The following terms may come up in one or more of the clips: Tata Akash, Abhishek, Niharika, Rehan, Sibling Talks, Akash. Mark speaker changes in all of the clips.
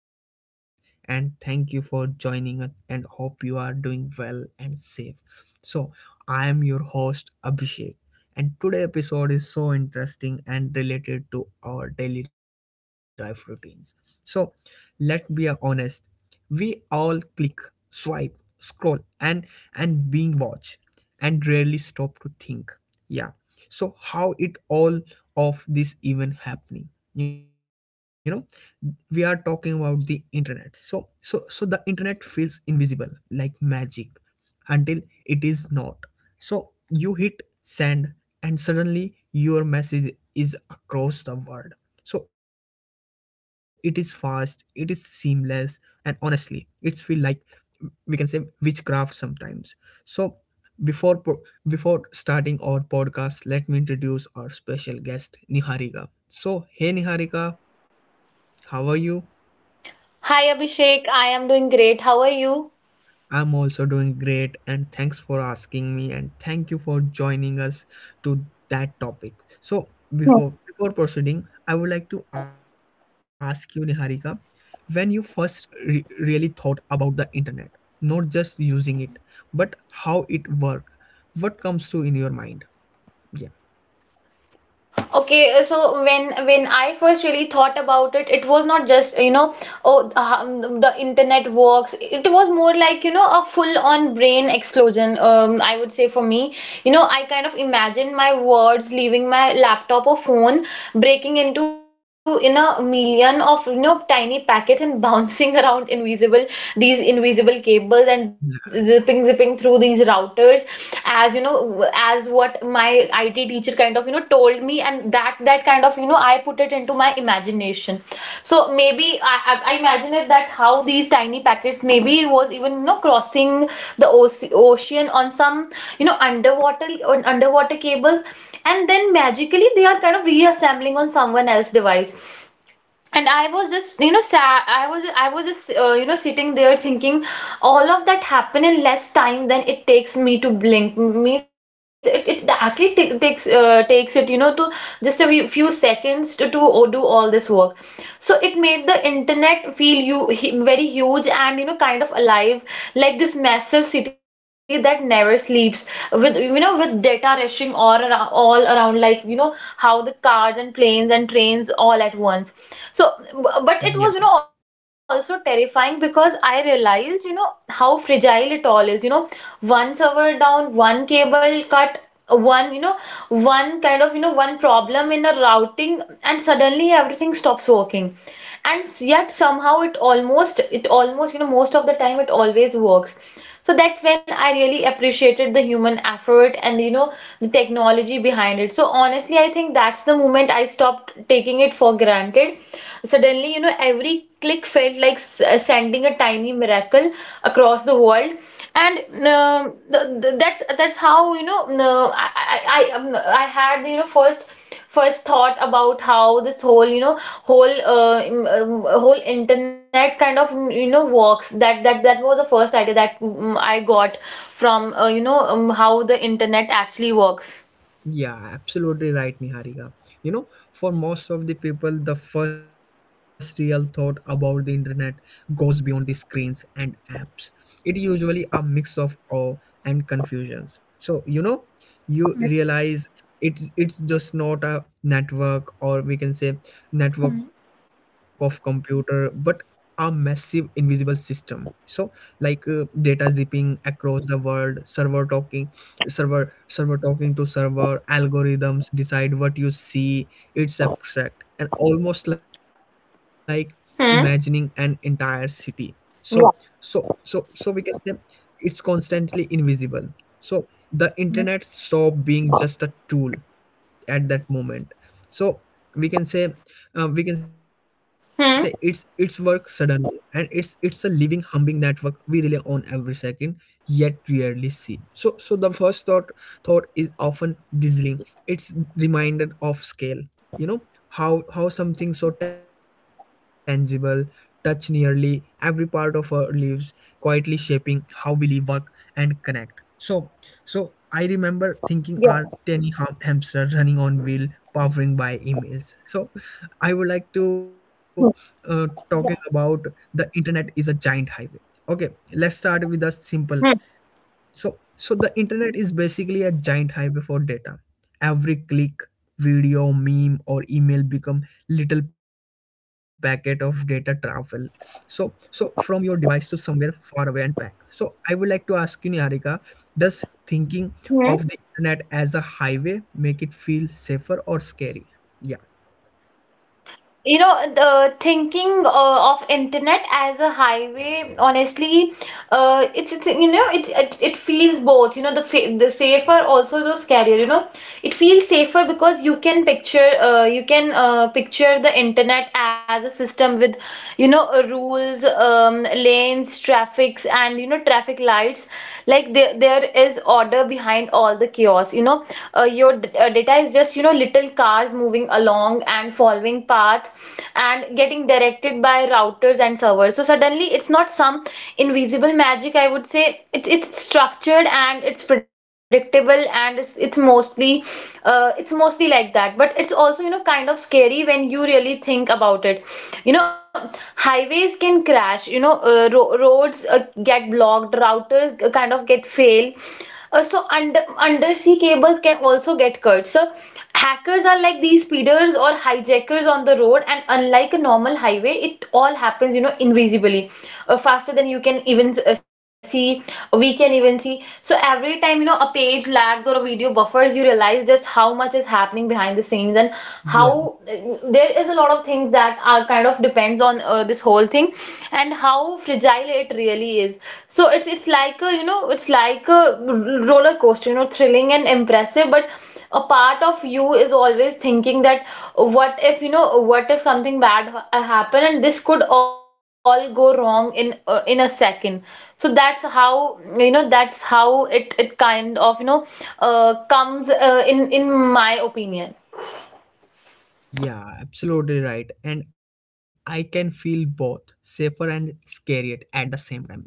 Speaker 1: podcast. And thank you for joining us. And hope you are doing well and safe. So, I am your host, Abhishek. And today episode is so interesting and related to our daily life routines. So, let's be honest. We all click, swipe, scroll, and and being watched, and rarely stop to think. Yeah, so how it all of this even happening. We are talking about the internet, so the internet feels invisible, like magic until it is not. So you hit send and suddenly your message is across the world. So it is fast, it is seamless, and honestly, it's feel like, we can say, witchcraft sometimes. So before po- before starting our podcast, let me introduce our special guest Niharika. So hey Niharika, how are you?
Speaker 2: Hi Abhishek, I am doing great. How are you?
Speaker 1: I'm also doing great and thanks for asking me and thank you for joining us to that topic. So, before proceeding, I would like to ask you Niharika, when you first really thought about the internet, not just using it, but how it work, what comes to in your mind? Yeah.
Speaker 2: Okay, so when I first really thought about it, it was not just, you know, oh, the internet works. It was more like, you know, a full-on brain explosion, I would say for me. You know, I kind of imagine my words leaving my laptop or phone, breaking in a million of, you know, tiny packets and bouncing around invisible, these invisible cables and zipping through these routers as you know as what my IT teacher kind of you know told me, and that kind of you know I put it into my imagination. So maybe imagine it that how these tiny packets maybe was even you know crossing the ocean on some you know underwater underwater cables, and then magically they are kind of reassembling on someone else's device. And I was just you know sad, i was just you know sitting there thinking all of that happened in less time than it takes me to blink. Means it actually takes takes it you know to just a few seconds to do all this work. So it made the internet feel very huge and you know kind of alive, like this massive city that never sleeps, with you know with data rushing all around like you know how the cars and planes and trains all at once. So,
Speaker 1: Yeah.
Speaker 2: but it was, you know, also terrifying because I realized, you know, how fragile it all is. You know, one server down, one cable cut, one, you know, one kind of, you know, one problem in a routing, and suddenly everything stops working. Yet somehow it almost, you know, most of the time it always works. So that's when I really appreciated the human effort and you know the technology behind it. So honestly I think that's the moment I stopped taking it for granted. Suddenly you know every click felt like sending a tiny miracle across the world. That's how you know no, I had you know first thought about how this whole you know whole internet kind of you know works. That that was the first idea that I got from you know how the internet actually works.
Speaker 1: Yeah, absolutely right, Niharika. You know, for most of the people, the first real thought about the internet goes beyond the screens and apps. It usually a mix of awe and confusions. So, you know, you realize it's just not a network, or we can say
Speaker 2: Mhm.
Speaker 1: network of computer, but a massive invisible system. So, like data zipping across the world, server talking, server talking to server, algorithms decide what you see. It's abstract and almost like imagining an
Speaker 2: Hmm.
Speaker 1: entire city. so so
Speaker 2: Yeah.
Speaker 1: so so we can say it's constantly invisible. So the internet
Speaker 2: Mhm.
Speaker 1: stopped being just a tool at that moment. So we can say, we can say it's work suddenly and it's a living humbling network we rely on every second yet rarely see. So so the first thought is often dizzying. It's reminded of scale, you know, how something so tangible touch nearly every part of our lives, quietly shaping how we live, work, and connect. So so I remember thinking our tiny hamster running on wheel, powering by emails. So I would like to talking about the internet is a giant highway. Okay, let's start with a simple.
Speaker 2: Hmm.
Speaker 1: So, so the internet is basically a giant highway for data. Every click, video, meme, or email become little packet of data travel. So, so from your device to somewhere far away and back. So, I would like to ask you, Niharika, does thinking
Speaker 2: Hmm,
Speaker 1: of the internet as a highway make it feel safer or scary? Yeah.
Speaker 2: you know, the thinking of internet as a highway, honestly it's you know it it feels both, you know, the safer also the scarier, you know. It feels safer because you can picture the internet as a system with you know rules, lanes, traffics, and you know traffic lights, like there is order behind all the chaos. You know, data is just you know little cars moving along and following path and getting directed by routers and servers. So suddenly it's not some invisible magic, I would say. It's structured and it's predictable and it's mostly it's mostly like that. But it's also you know kind of scary when you really think about it. You know, highways can crash, you know, roads get blocked, routers kind of get fail, so undersea cables can also get cut. So hackers are like these speeders or hijackers on the road, and unlike a normal highway, it all happens, you know, invisibly, faster than you can even see. We can even see. So every time, you know, a page lags or a video buffers, you realize just how much is happening behind the scenes, and
Speaker 1: Yeah,
Speaker 2: how there is a lot of things that are kind of depends on this whole thing, and how fragile it really is. So it's like a roller coaster, you know, thrilling and impressive, but a part of you is always thinking that what if, you know, what if something bad happen, and this could all go wrong in a second. So that's how, you know, that's how it it kind of you know uh, comes in my opinion.
Speaker 1: yeah, absolutely right. And I can feel both safer and scary at the same time, you know?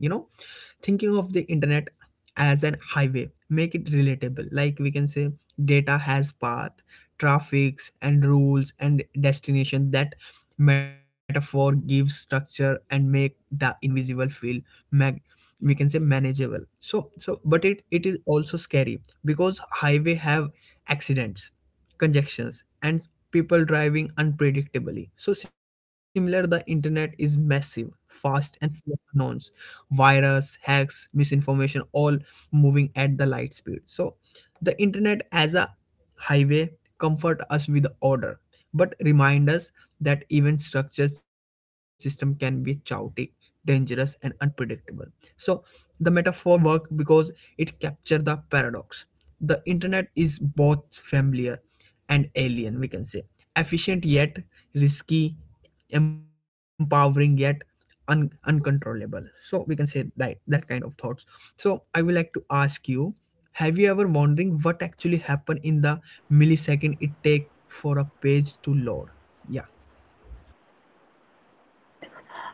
Speaker 1: Thinking of the internet as an highway make it relatable. Like we can say data has path, traffics and rules and destination. That metaphor gives structure and make the invisible feel mag- we can say manageable. So so but it is also scary because highway have accidents, congestions, and people driving unpredictably. So similar, the internet is massive, fast, and full of unknowns. Virus, hacks, misinformation, all moving at the light speed. So the internet as a highway comfort us with order, but remind us that even structured system can be chaotic, dangerous, and unpredictable. So the metaphor work because it capture the paradox. The internet is both familiar and alien, we can say, efficient yet risky, empowering yet uncontrollable. So we can say that that kind of thoughts. So I would like to ask you, have you ever wondering what actually happened in the millisecond it take for a page to load? Yeah.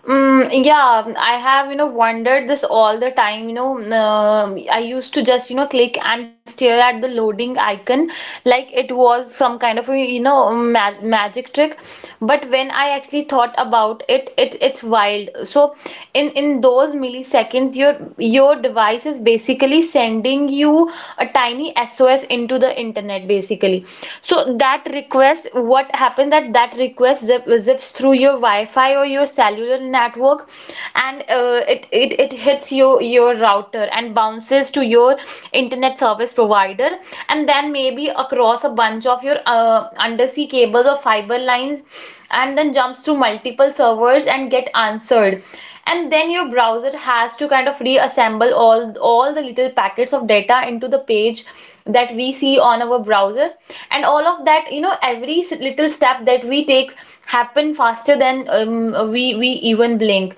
Speaker 2: Mm, yeah, I have, you know, wondered this all the time. You know, I used to just, you know, click and stare at the loading icon like it was some kind of, you know, ma magic trick. But when I actually thought about it, it it's wild. So in those milliseconds, your device is basically sending you a tiny SOS into the internet, basically. So that request, what happens, that that request zips through your Wi-Fi or your cellular network, and it it hits your router and bounces to your internet service provider, and then maybe across a bunch of your undersea cables or fiber lines, and then jumps through multiple servers and get answered. And then your browser has to kind of reassemble all the little packets of data into the page that we see on our browser. And all of that, you know, every little step that we take happen faster than we even blink.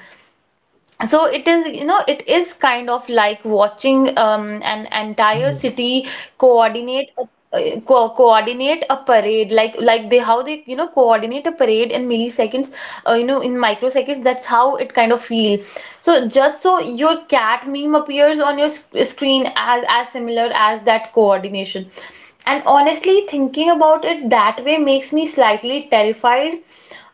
Speaker 2: So it is, you know, it is kind of like watching an entire city coordinate a co coordinate a parade, like they how they you know coordinate a parade in milliseconds, you know, in microseconds, that's how it kind of feel. So just so your cat meme appears on your sc screen as similar as that coordination. And honestly thinking about it that way makes me slightly terrified,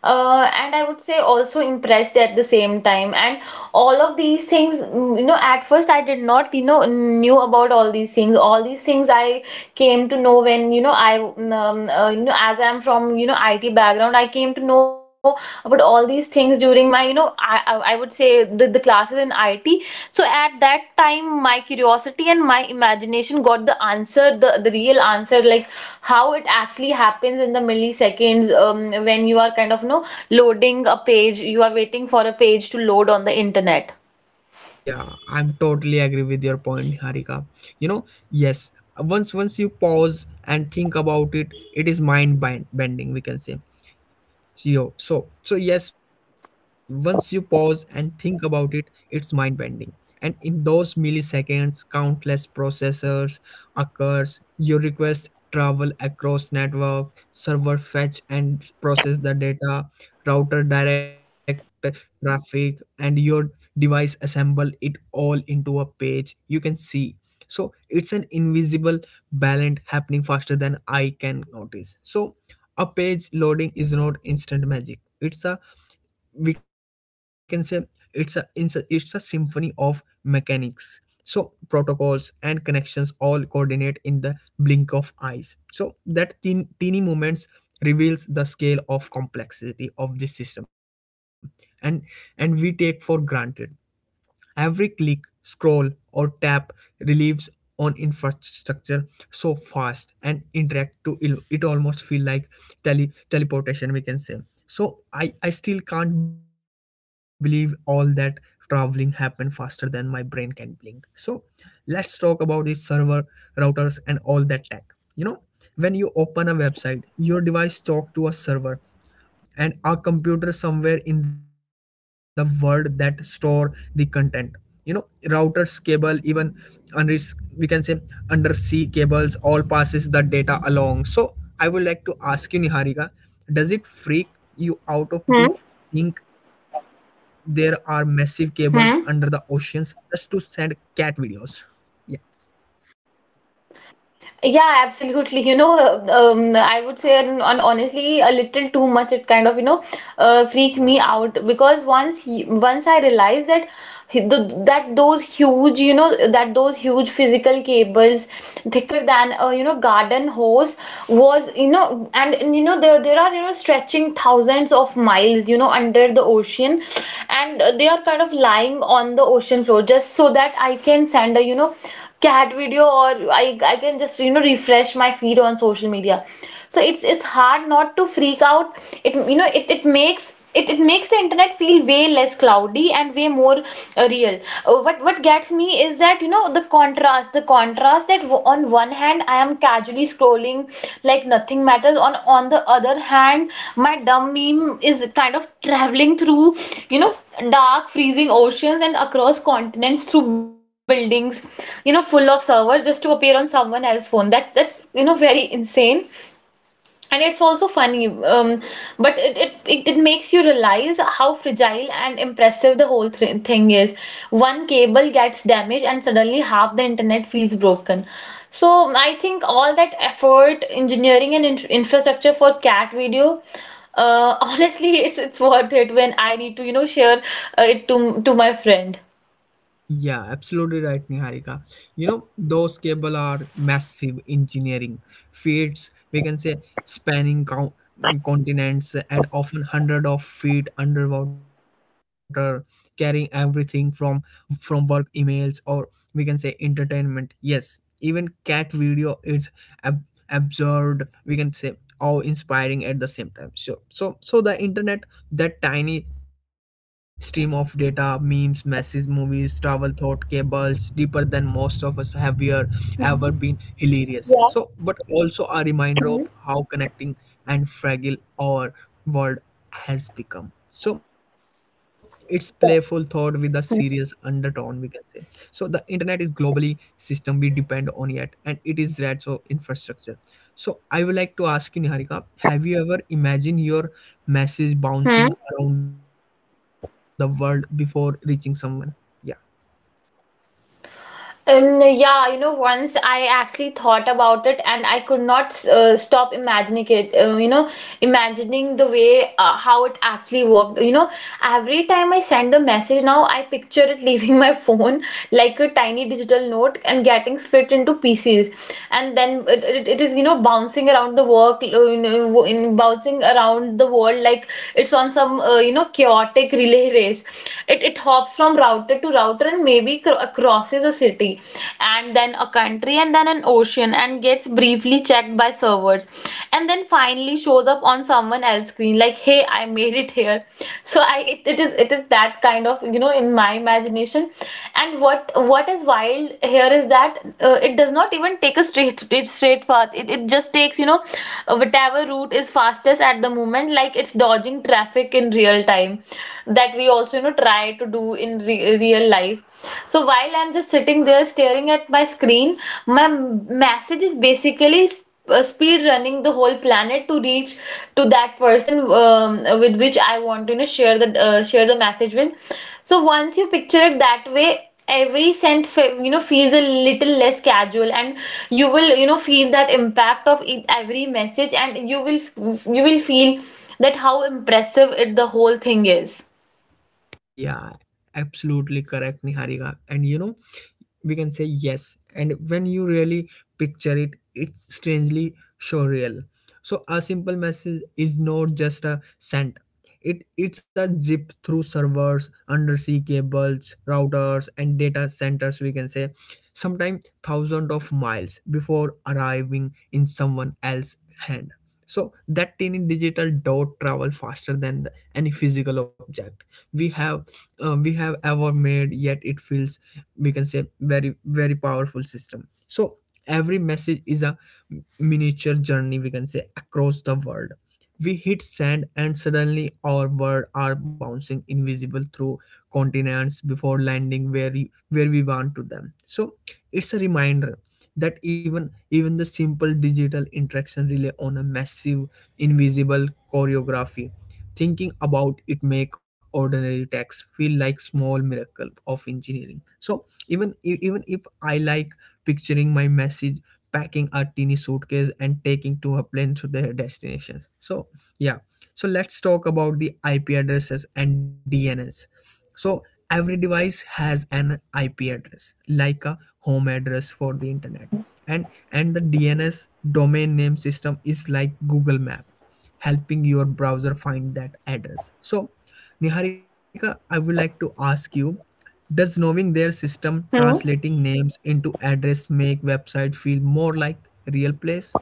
Speaker 2: and I would say also impressed at the same time. And all of these things, you know, at first I did not, you know, knew about all these things. All these things I came to know when, you know, you know, as I'm from, you know, IT background, I came to know about all these things during my, you know, I would say the classes in IT. So at that time, my curiosity and my imagination got the answer, the real answer, like how it actually happens in the milliseconds when you are kind of, you know, loading a page, you are waiting for a page to load on the internet.
Speaker 1: Yeah, I'm totally agree with your point, Harika. You know, yes, once you pause and think about it, it is bending, we can say. Yo, so so yes, once you pause and think about it, it's mind-bending. And in those milliseconds, countless processors occurs. Your request travel across network, server fetch and process the data, router direct traffic, and your device assemble it all into a page you can see. So it's an invisible balance happening faster than I can notice. So a page loading is not instant magic. It's a, we can say it's a, it's a symphony of mechanics. So protocols and connections all coordinate in the blink of eyes. So that teeny moments reveals the scale of complexity of this system, and and we take for granted. Every click, scroll, or tap relieves on infrastructure so fast and interact to it almost feel like tele teleportation, we can say. So I still can't believe all that traveling happened faster than my brain can blink. So let's talk about the server, routers, and all that tech. You know, when you open a website, your device talk to a server and a computer somewhere in the world that store the content. You know, routers, cable, even unris we can say undersea cables all passes the data along. So I would like to ask you, Niharika,
Speaker 2: Yeah.
Speaker 1: does it freak you out of
Speaker 2: Hmm.
Speaker 1: the think there are massive cables under the oceans
Speaker 2: Hmm?
Speaker 1: just to send cat videos? Yeah.
Speaker 2: Yeah, absolutely. You know, I would say, on honestly, a little too much. It kind of, you know, freaked me out because once I realized that that those huge, you know, that those huge physical cables, thicker than a, you know, garden hose, was, you know, and you know, there are, you know, stretching thousands of miles, you know, under the ocean, and they are kind of lying on the ocean floor just so that I can send a, you know, cat video, or I can just you know refresh my feed on social media. So it's hard not to freak out. It you know it makes it makes the internet feel way less cloudy and way more real. What gets me is that you know the contrast that on one hand I am casually scrolling like nothing matters, on the other hand my dumb meme is kind of traveling through, you know, dark freezing oceans and across continents, through buildings, you know, full of servers, just to appear on someone else's phone. That's you know very insane, and it's also funny. um, but it, it makes you realize how fragile and impressive the whole thing is. One cable gets damaged and suddenly half the internet feels broken. So I think all that effort, engineering, and infrastructure for cat video, honestly it's worth it when I need to you know share it to my friend.
Speaker 1: Yeah, absolutely right, Niharika. You know, those cable are massive engineering feats, we can say, spanning continents and often hundred of feet underwater, carrying everything from work, emails, or we can say entertainment. Yes, even cat video is ab- absurd, we can say, awe inspiring at the same time. So, so, so the internet, that tiny stream of data, memes, messages, movies, travel, thought, cables, deeper than most of us have here ever been hilarious.
Speaker 2: Yeah.
Speaker 1: So but also a reminder
Speaker 2: Mhm.
Speaker 1: of how connecting and fragile our world has become. So it's playful thought with a
Speaker 2: Yeah.
Speaker 1: serious undertone, we can say. So the internet is globally system we depend on yet, and it is red so infrastructure. So I would like to ask you, Niharika, have you ever imagined your message
Speaker 2: Hmm.
Speaker 1: bouncing around the world before reaching someone? Yeah.
Speaker 2: Yeah, you know, once I actually thought about it and I could not stop imagining it, you know, imagining the way how it actually worked. You know, every time I send a message now, I picture it leaving my phone like a tiny digital note and getting split into pieces. And then it is, you know, bouncing around the work, in bouncing around the world like it's on some, you know, chaotic relay race. It hops from router to router and maybe crosses a city and then a country and then an ocean and gets briefly checked by servers and then finally shows up on someone else's screen like, hey, I made it here. So I, it is that kind of, you know, in my imagination. And what is wild here is that it does not even take a straight path. It just takes, you know, whatever route is fastest at the moment, like it's dodging traffic in real time that we also, you know, try to do in real life. So while I'm just sitting there staring at my screen, my message is basically speed running the whole planet to reach to that person, with which I want to, you know, share the message with. So once you picture it that way, every cent, you know, feels a little less casual, and you will, you know, feel that impact of it, every message, and you will feel that how impressive it the whole thing is.
Speaker 1: Yeah, absolutely correct, Niharika. And you know, we can say yes, and when you really picture it it strangely surreal. So a simple message is not just a sent, it it's a zip through servers, undersea cables, routers, and data centers, we can say, sometimes thousands of miles before arriving in someone else's hand. So that tiny digital dot travel faster than the, any physical object we have, we have ever made, yet it feels, we can say, very very powerful system. So every message is a miniature journey, we can say, across the world. We hit send and suddenly our world are bouncing invisible through continents before landing where we want to them. So it's a reminder that even even the simple digital interaction rely on a massive invisible choreography. Thinking about it make ordinary text feel like small miracle of engineering. So even even if I like picturing my message packing a teeny suitcase and taking to a plane to their destinations. So yeah, so let's talk about the IP addresses and DNS. So every device has an IP address like a home address for the internet. And the DNS, domain name system, is like Google Map helping your browser find that address. So Niharika, I would like to ask you, does knowing their system
Speaker 2: Hmm.
Speaker 1: translating names into address make website feel more like real place?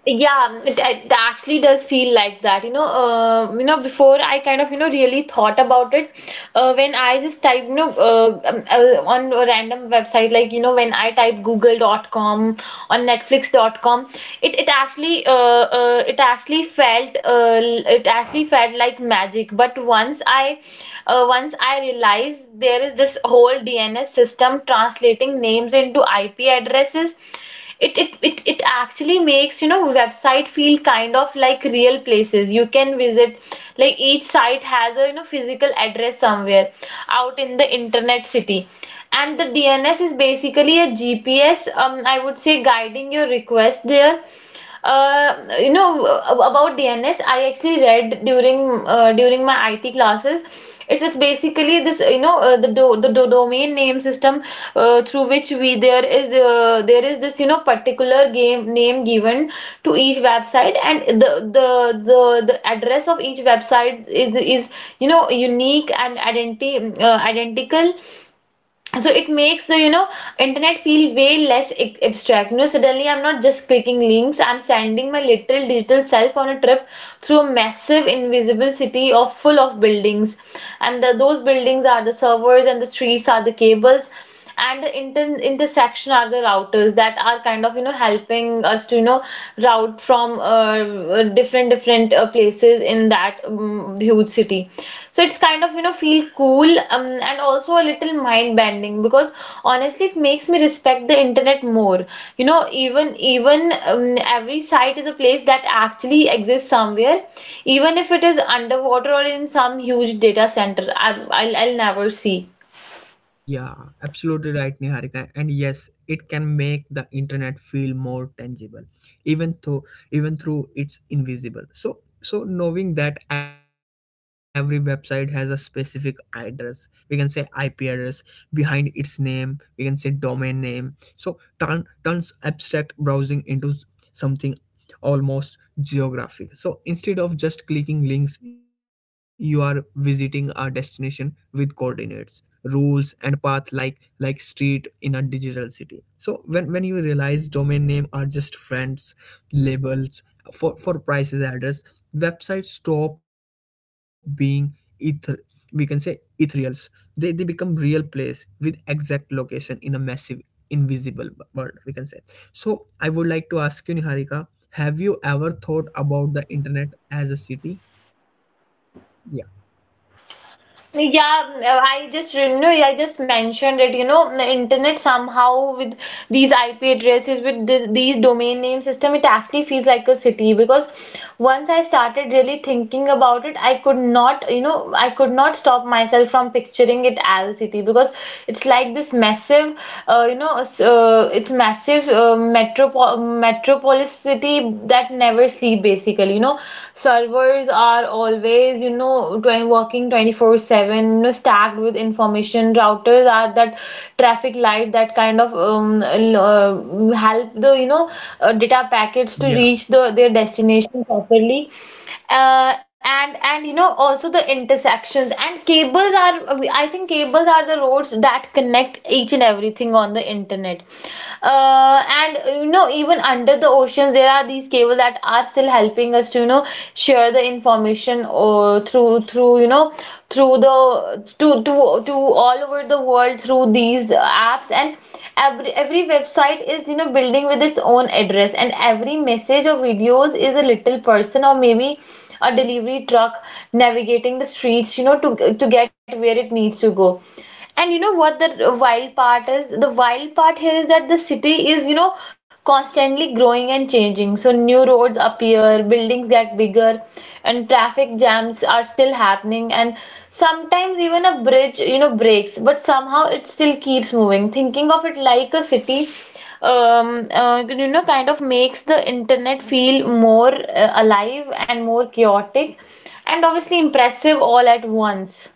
Speaker 2: Yeah, it actually does feel like that. You know, before I kind of, you know, really thought about it, when I just type, you know, on a random website, like, you know, when I type google.com on netflix.com, it, it actually felt like magic. But once I realized there is this whole DNS system translating names into IP addresses, it actually makes, you know, website feel kind of like real places you can visit, like each site has a, you know, physical address somewhere out in the internet city, and the DNS is basically a GPS, um, I would say, guiding your request there. uh, you know uh, about DNS, I actually read during during my IT classes. It's just basically this, you know, the do domain name system through which we there is this, you know, particular game name given to each website, and the the the address of each website is, you know, unique and identity identical. So it makes the, you know, internet feel way less abstract. You know, suddenly I'm not just clicking links, I'm sending my literal digital self on a trip through a massive invisible city of full of buildings. And those buildings are the servers, and the streets are the cables, and the intersection are the routers that are kind of, you know, helping us to, you know, route from different places in that, huge city. So it's kind of, you know, feel cool, and also a little mind bending, because honestly it makes me respect the internet more. You know, even, every site is a place that actually exists somewhere, even if it is underwater or in some huge data center I'll never see.
Speaker 1: Yeah, absolutely right, Niharika. And yes, it can make the internet feel more tangible, even though, even through it's invisible. So so knowing that every website has a specific address, we can say IP address, behind its name, we can say domain name. So turns abstract browsing into something almost geographic. So instead of just clicking links, you are visiting a destination with coordinates, rules, and path, like street in a digital city. So when you realize domain name are just friends labels for prices address, websites stop being ether, we can say ethereals. They become real place with exact location in a massive invisible world, we can say. So I would like to ask you, Niharika, have you ever thought about the internet as a city?
Speaker 2: Yeah, I just, you know, I just mentioned it. You know, the internet somehow with these IP addresses, with these domain name system, it actually feels like a city, because once I started really thinking about it, I could not, you know, I could not stop myself from picturing it as a city, because it's like this massive, you know, s- it's massive, metropolis city that never sleep, basically. You know, servers are always, you know, 20, working 24/7, you know, stacked with information. Routers are that traffic light that kind of, help the, you know, data packets to
Speaker 1: Yeah.
Speaker 2: reach the their destination properly. And, you know, also the intersections and cables are I think cables are the roads that connect each and everything on the internet. And, you know, even under the oceans there are these cables that are still helping us to, you know, share the information or through through, you know, through the to all over the world through these apps. And every website is, you know, building with its own address, and every message or videos is a little person, or maybe a delivery truck navigating the streets, you know, to get where it needs to go. And you know what the wild part is? The wild part here is that the city is, you know, constantly growing and changing. So new roads appear, buildings get bigger, and traffic jams are still happening. And sometimes even a bridge, you know, breaks, but somehow it still keeps moving. Thinking of it like a city, you know, kind of makes the internet feel more, alive and more chaotic, and obviously impressive all at once.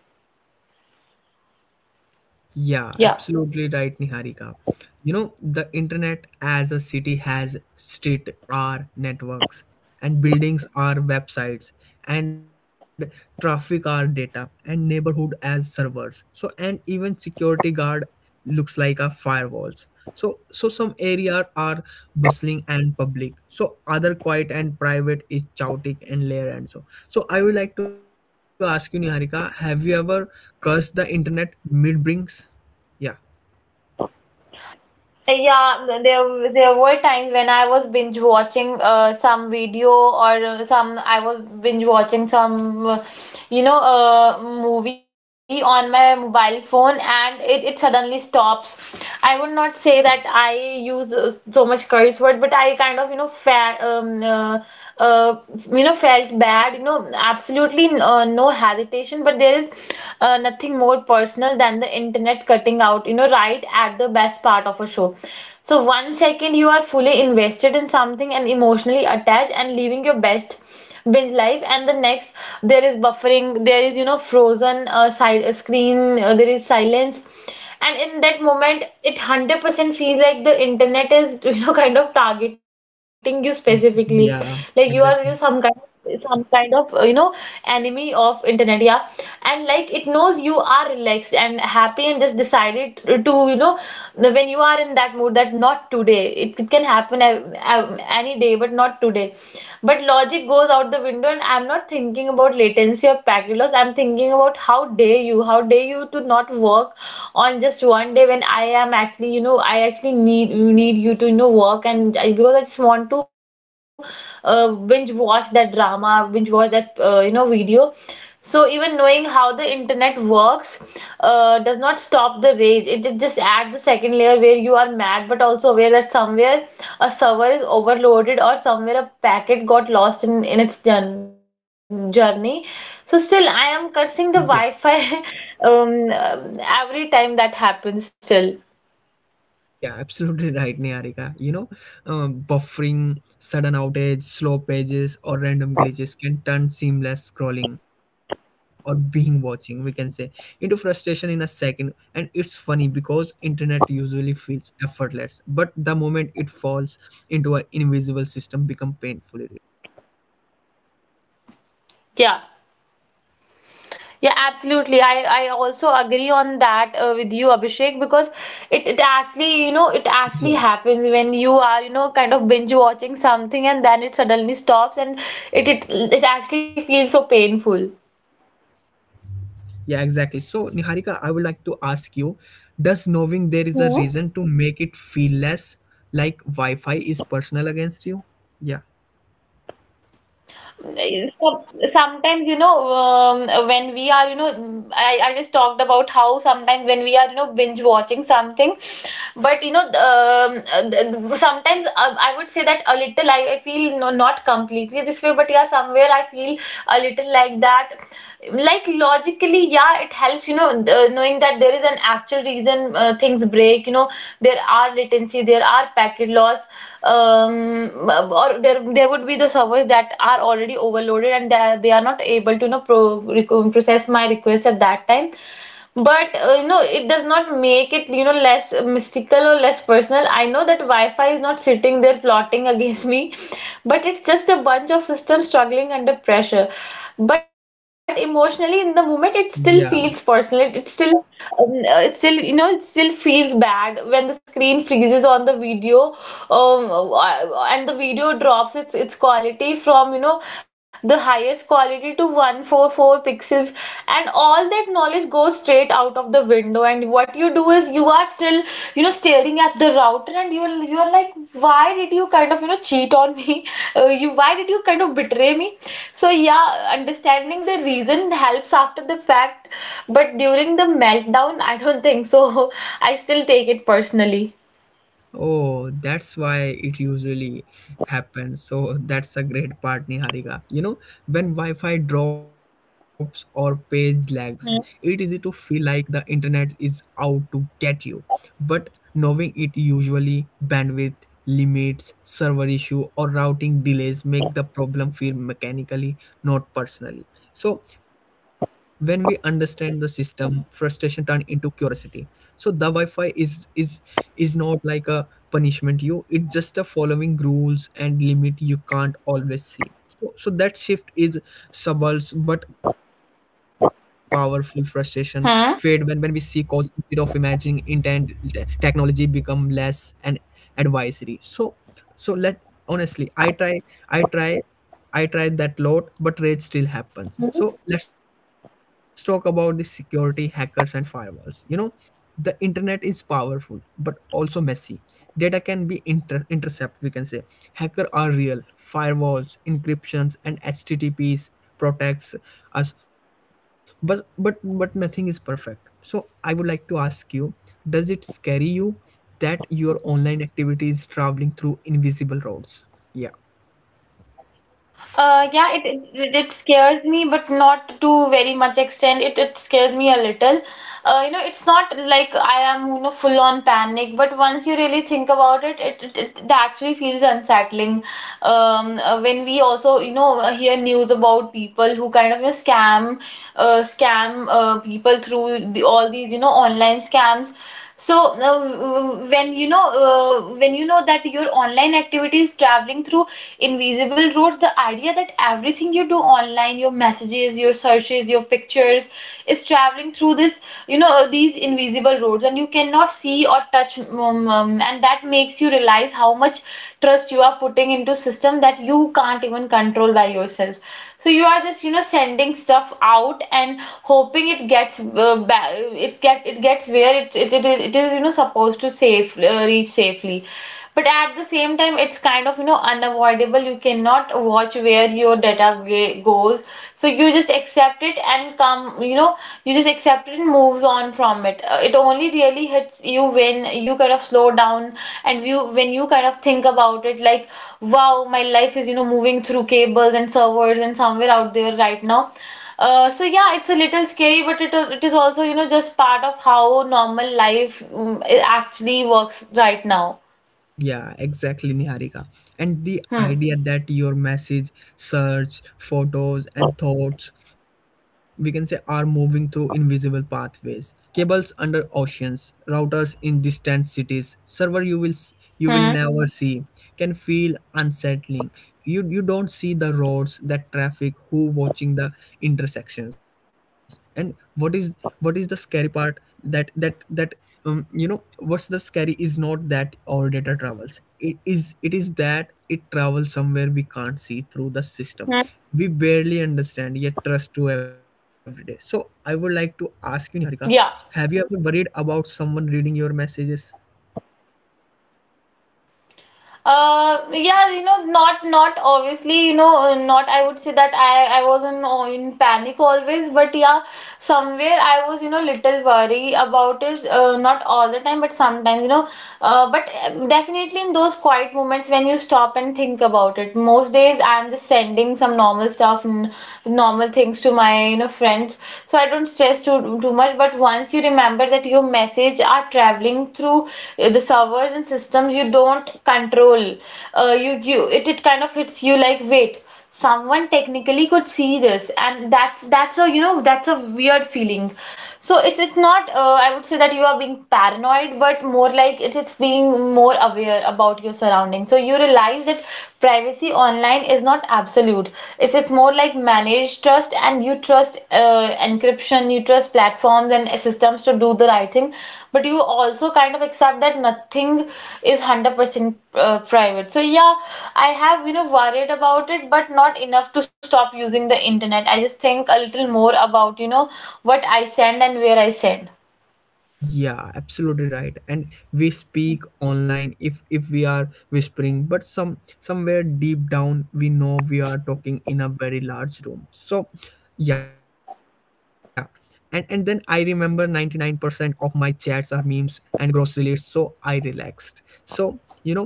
Speaker 1: Yeah,
Speaker 2: Yeah.
Speaker 1: absolutely right, Niharika. You know, the internet as a city has street or networks, and buildings are websites, and traffic are data, and neighborhood as servers. So, and even security guard looks like a firewalls. So so some areas are bustling and public. So other quiet and private is chaotic and layer and so. So I would like to ask you, Niharika, have you ever cursed the internet mid brings? Yeah.
Speaker 2: Yeah, there were times when I was binge watching some video, or some I was binge watching some, movie on my mobile phone, and it suddenly stops. I would not say that I use so much curse word, but I kind of, you know, fa uh, you know, felt bad, you know, absolutely, no hesitation. But there is nothing more personal than the internet cutting out, you know, right at the best part of a show. So one second you are fully invested in something and emotionally attached and leaving your best binge life, and the next there is buffering, there is, you know, frozen, side, screen, there is silence. And in that moment it 100% feels like the internet is, you know, kind of targeting you specifically, like you are
Speaker 1: Yeah,
Speaker 2: you some kind,
Speaker 1: exactly.
Speaker 2: some kind of, enemy of internet. Yeah. And like it knows you are relaxed and happy and just decided to, you know, now, when you are in that mood, that not today. It can happen any day, but not today. But logic goes out the window, and I'm not thinking about latency or packet loss. I'm thinking about how dare you, how dare you to not work on just one day when I am actually, you know, I actually need you to, you know, work. And I, because I just want to, binge watch that drama, binge watch that, you know, video. So even knowing how the internet works does not stop the rage. It just adds the second layer where you are mad but also aware that somewhere a server is overloaded, or somewhere a packet got lost in its journey. So still I
Speaker 1: Yeah,
Speaker 2: am cursing the Wi-Fi. Every time that happens still.
Speaker 1: yeah, absolutely right, Niharika. You know, buffering, sudden outage, slow pages, or random glitches can turn seamless scrolling or being watching, we can say, into frustration in a second. And it's funny because internet usually feels effortless, but the moment it falls into an invisible system, become painful.
Speaker 2: Yeah. Yeah, absolutely. I also agree on that, with you, Abhishek, because it actually, you know, it actually happens when you are, you know, kind of binge watching something, and then it suddenly stops, and it actually feels so painful.
Speaker 1: Yeah, exactly. So Niharika, I would like to ask you, does knowing there is a
Speaker 2: Hmm.
Speaker 1: reason to make it feel less like Wi Fi is personal against you? Yeah.
Speaker 2: Some- Sometimes, you know, um, when we are, you know, I just talked about how sometimes when we are, you know, binge watching something, but you know, uh, sometimes, I would say that a little, I feel no, not completely this way, but yeah, somewhere I feel a little like that. Like logically, yeah, it helps, you know, knowing that there is an actual reason, things break, you know. There are latency, there are packet loss, or there would be the servers that are already overloaded, and they are not able to, you know, process my request at that time. But, you know, it does not make it, you know, less mystical or less personal. I know that Wi-Fi is not sitting there plotting against me, but it's just a bunch of systems struggling under pressure. But emotionally, in the moment, it still
Speaker 1: Yeah.
Speaker 2: feels personal. It still, it still, you know, it still feels bad when the screen freezes on the video, and the video drops its quality from, you know, the highest quality to 144 pixels, and all that knowledge goes straight out of the window. And what you do is you are still, you know, staring at the router, and you're like, why did you kind of, you know, cheat on me? You, why did you kind of betray me? So yeah, understanding the reason helps after the fact, but during the meltdown, I don't think so. I still take it personally.
Speaker 1: Oh, that's why it usually happens. So that's a great part, Niharika. You know, when Wi-Fi drops or page lags, it easy to feel like the internet is out to get you. But knowing it usually bandwidth limits, server issue, or routing delays make the problem feel mechanically, not personally. So when we understand the system, frustration turn into curiosity. So the Wi-Fi is not like a punishment. You, it's just a following rules and limit you can't always see. So so that shift is subtle but powerful. Frustrations fade when we see
Speaker 2: Hmm?
Speaker 1: cause instead of imagining intent. Technology become less an advisory. So so let, honestly I try, i try I tried that lot, but rage still happens. So let's talk about the security, hackers, and firewalls. You know, the internet is powerful but also messy. Data can be intercept, we can say. Hacker are real. Firewalls, encryptions, and HTTPS protects us, but but nothing is perfect. So I would like to ask you, does it scare you that your online activity is traveling through invisible roads? Yeah.
Speaker 2: Yeah, it, it it scares me, but not to very much extent. It scares me a little. You know, it's not like I am, you know, full on panic, but once you really think about it, it it, it actually feels unsettling. When we also, you know, hear news about people who kind of, you know, scam, people through all these, you know, online scams. So, when you know, that your online activity is traveling through invisible roads, the idea that everything you do online, your messages, your searches, your pictures, is traveling through this, you know, these invisible roads, and you cannot see or touch, and that makes you realize how much trust you are putting into system that you can't even control by yourself. So you are just, you know, sending stuff out, and hoping it gets, uh, ba- it gets where it it is, you know, supposed to safe, reach safely. But at the same time it's kind of, you know, unavoidable. You cannot watch where your data goes. So you just accept it and come, you know, you just accept it and moves on from it. It only really hits you when you kind of slow down, and you when you kind of think about it, like, wow, my life is, you know, moving through cables and servers, and somewhere out there right now, so yeah, it's a little scary, but it is also, you know, just part of how normal life, mm, it actually works right now.
Speaker 1: Yeah, exactly, Niharika. And the
Speaker 2: Hmm.
Speaker 1: idea that your message, search, photos, and thoughts, we can say, are moving through invisible pathways. Cables under oceans, routers in distant cities, server you will you will
Speaker 2: Hmm.
Speaker 1: never see, can feel unsettling. You don't see the roads, that traffic, who watching the intersections, and what is, what is the scary part, that that you know, what's the scary is not that our data travels, it is, it is that it travels somewhere we can't see, through the system
Speaker 2: Hmm.
Speaker 1: we barely understand yet trust to every day. So I would like to ask you, Niharika, have
Speaker 2: Yeah.
Speaker 1: you ever worried about someone reading your messages?
Speaker 2: Yeah, you know, not obviously, you know, not I would say that I was in, in panic always, but yeah, somewhere I was, you know, little worry about it. Not all the time, but sometimes, you know, but definitely in those quiet moments when you stop and think about it. Most days I'm just sending some normal stuff and normal things to my, you know, friends, so I don't stress too much. But once you remember that your message are traveling through, the servers and systems you don't control, you you it, it kind of hits you like, wait, someone technically could see this, and that's a, you know, that's a weird feeling. So it's not, I would say that you are being paranoid, but more like it, it's being more aware about your surroundings. So you realize that privacy online is not absolute. It's more like managed trust, and you trust, encryption, you trust platforms and systems to do the right thing. But you also kind of accept that nothing is 100% private. So yeah, I have, you know, worried about it, but not enough to stop using the internet. I just think a little more about, you know, what I send and where I send.
Speaker 1: Yeah, absolutely right. And we speak online if we are whispering, but some, somewhere deep down we know we are talking in a very large room. So yeah, and then I remember 99% of my chats are memes and grocery lists, so I relaxed. So you know,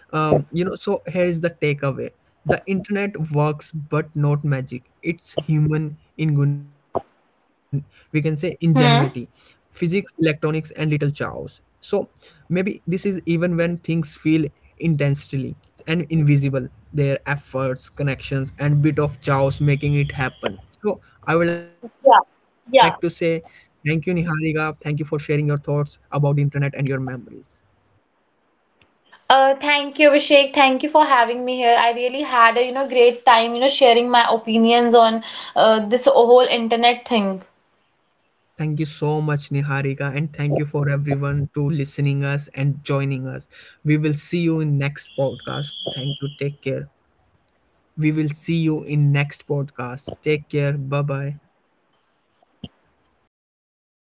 Speaker 1: you know, so here is the takeaway. The internet works but not magic. It's human in, we can say, ingenuity,
Speaker 2: Hmm.
Speaker 1: physics, electronics, and little chaos. So maybe this is even when things feel intensely and invisible, their efforts, connections, and bit of chaos making it happen. So I would like to say
Speaker 2: Yeah.
Speaker 1: thank you,
Speaker 2: Yeah.
Speaker 1: Niharika. Thank you for sharing your thoughts about the internet and your memories.
Speaker 2: Thank you, Abhishek. Thank you for having me here. I really had a, you know, great time, you know, sharing my opinions on, this whole internet thing.
Speaker 1: Thank you so much, Niharika, and thank you for everyone to listening us and joining us. We will see you in next podcast. Thank you. Take care. We will see you in next podcast. Take care. Bye bye.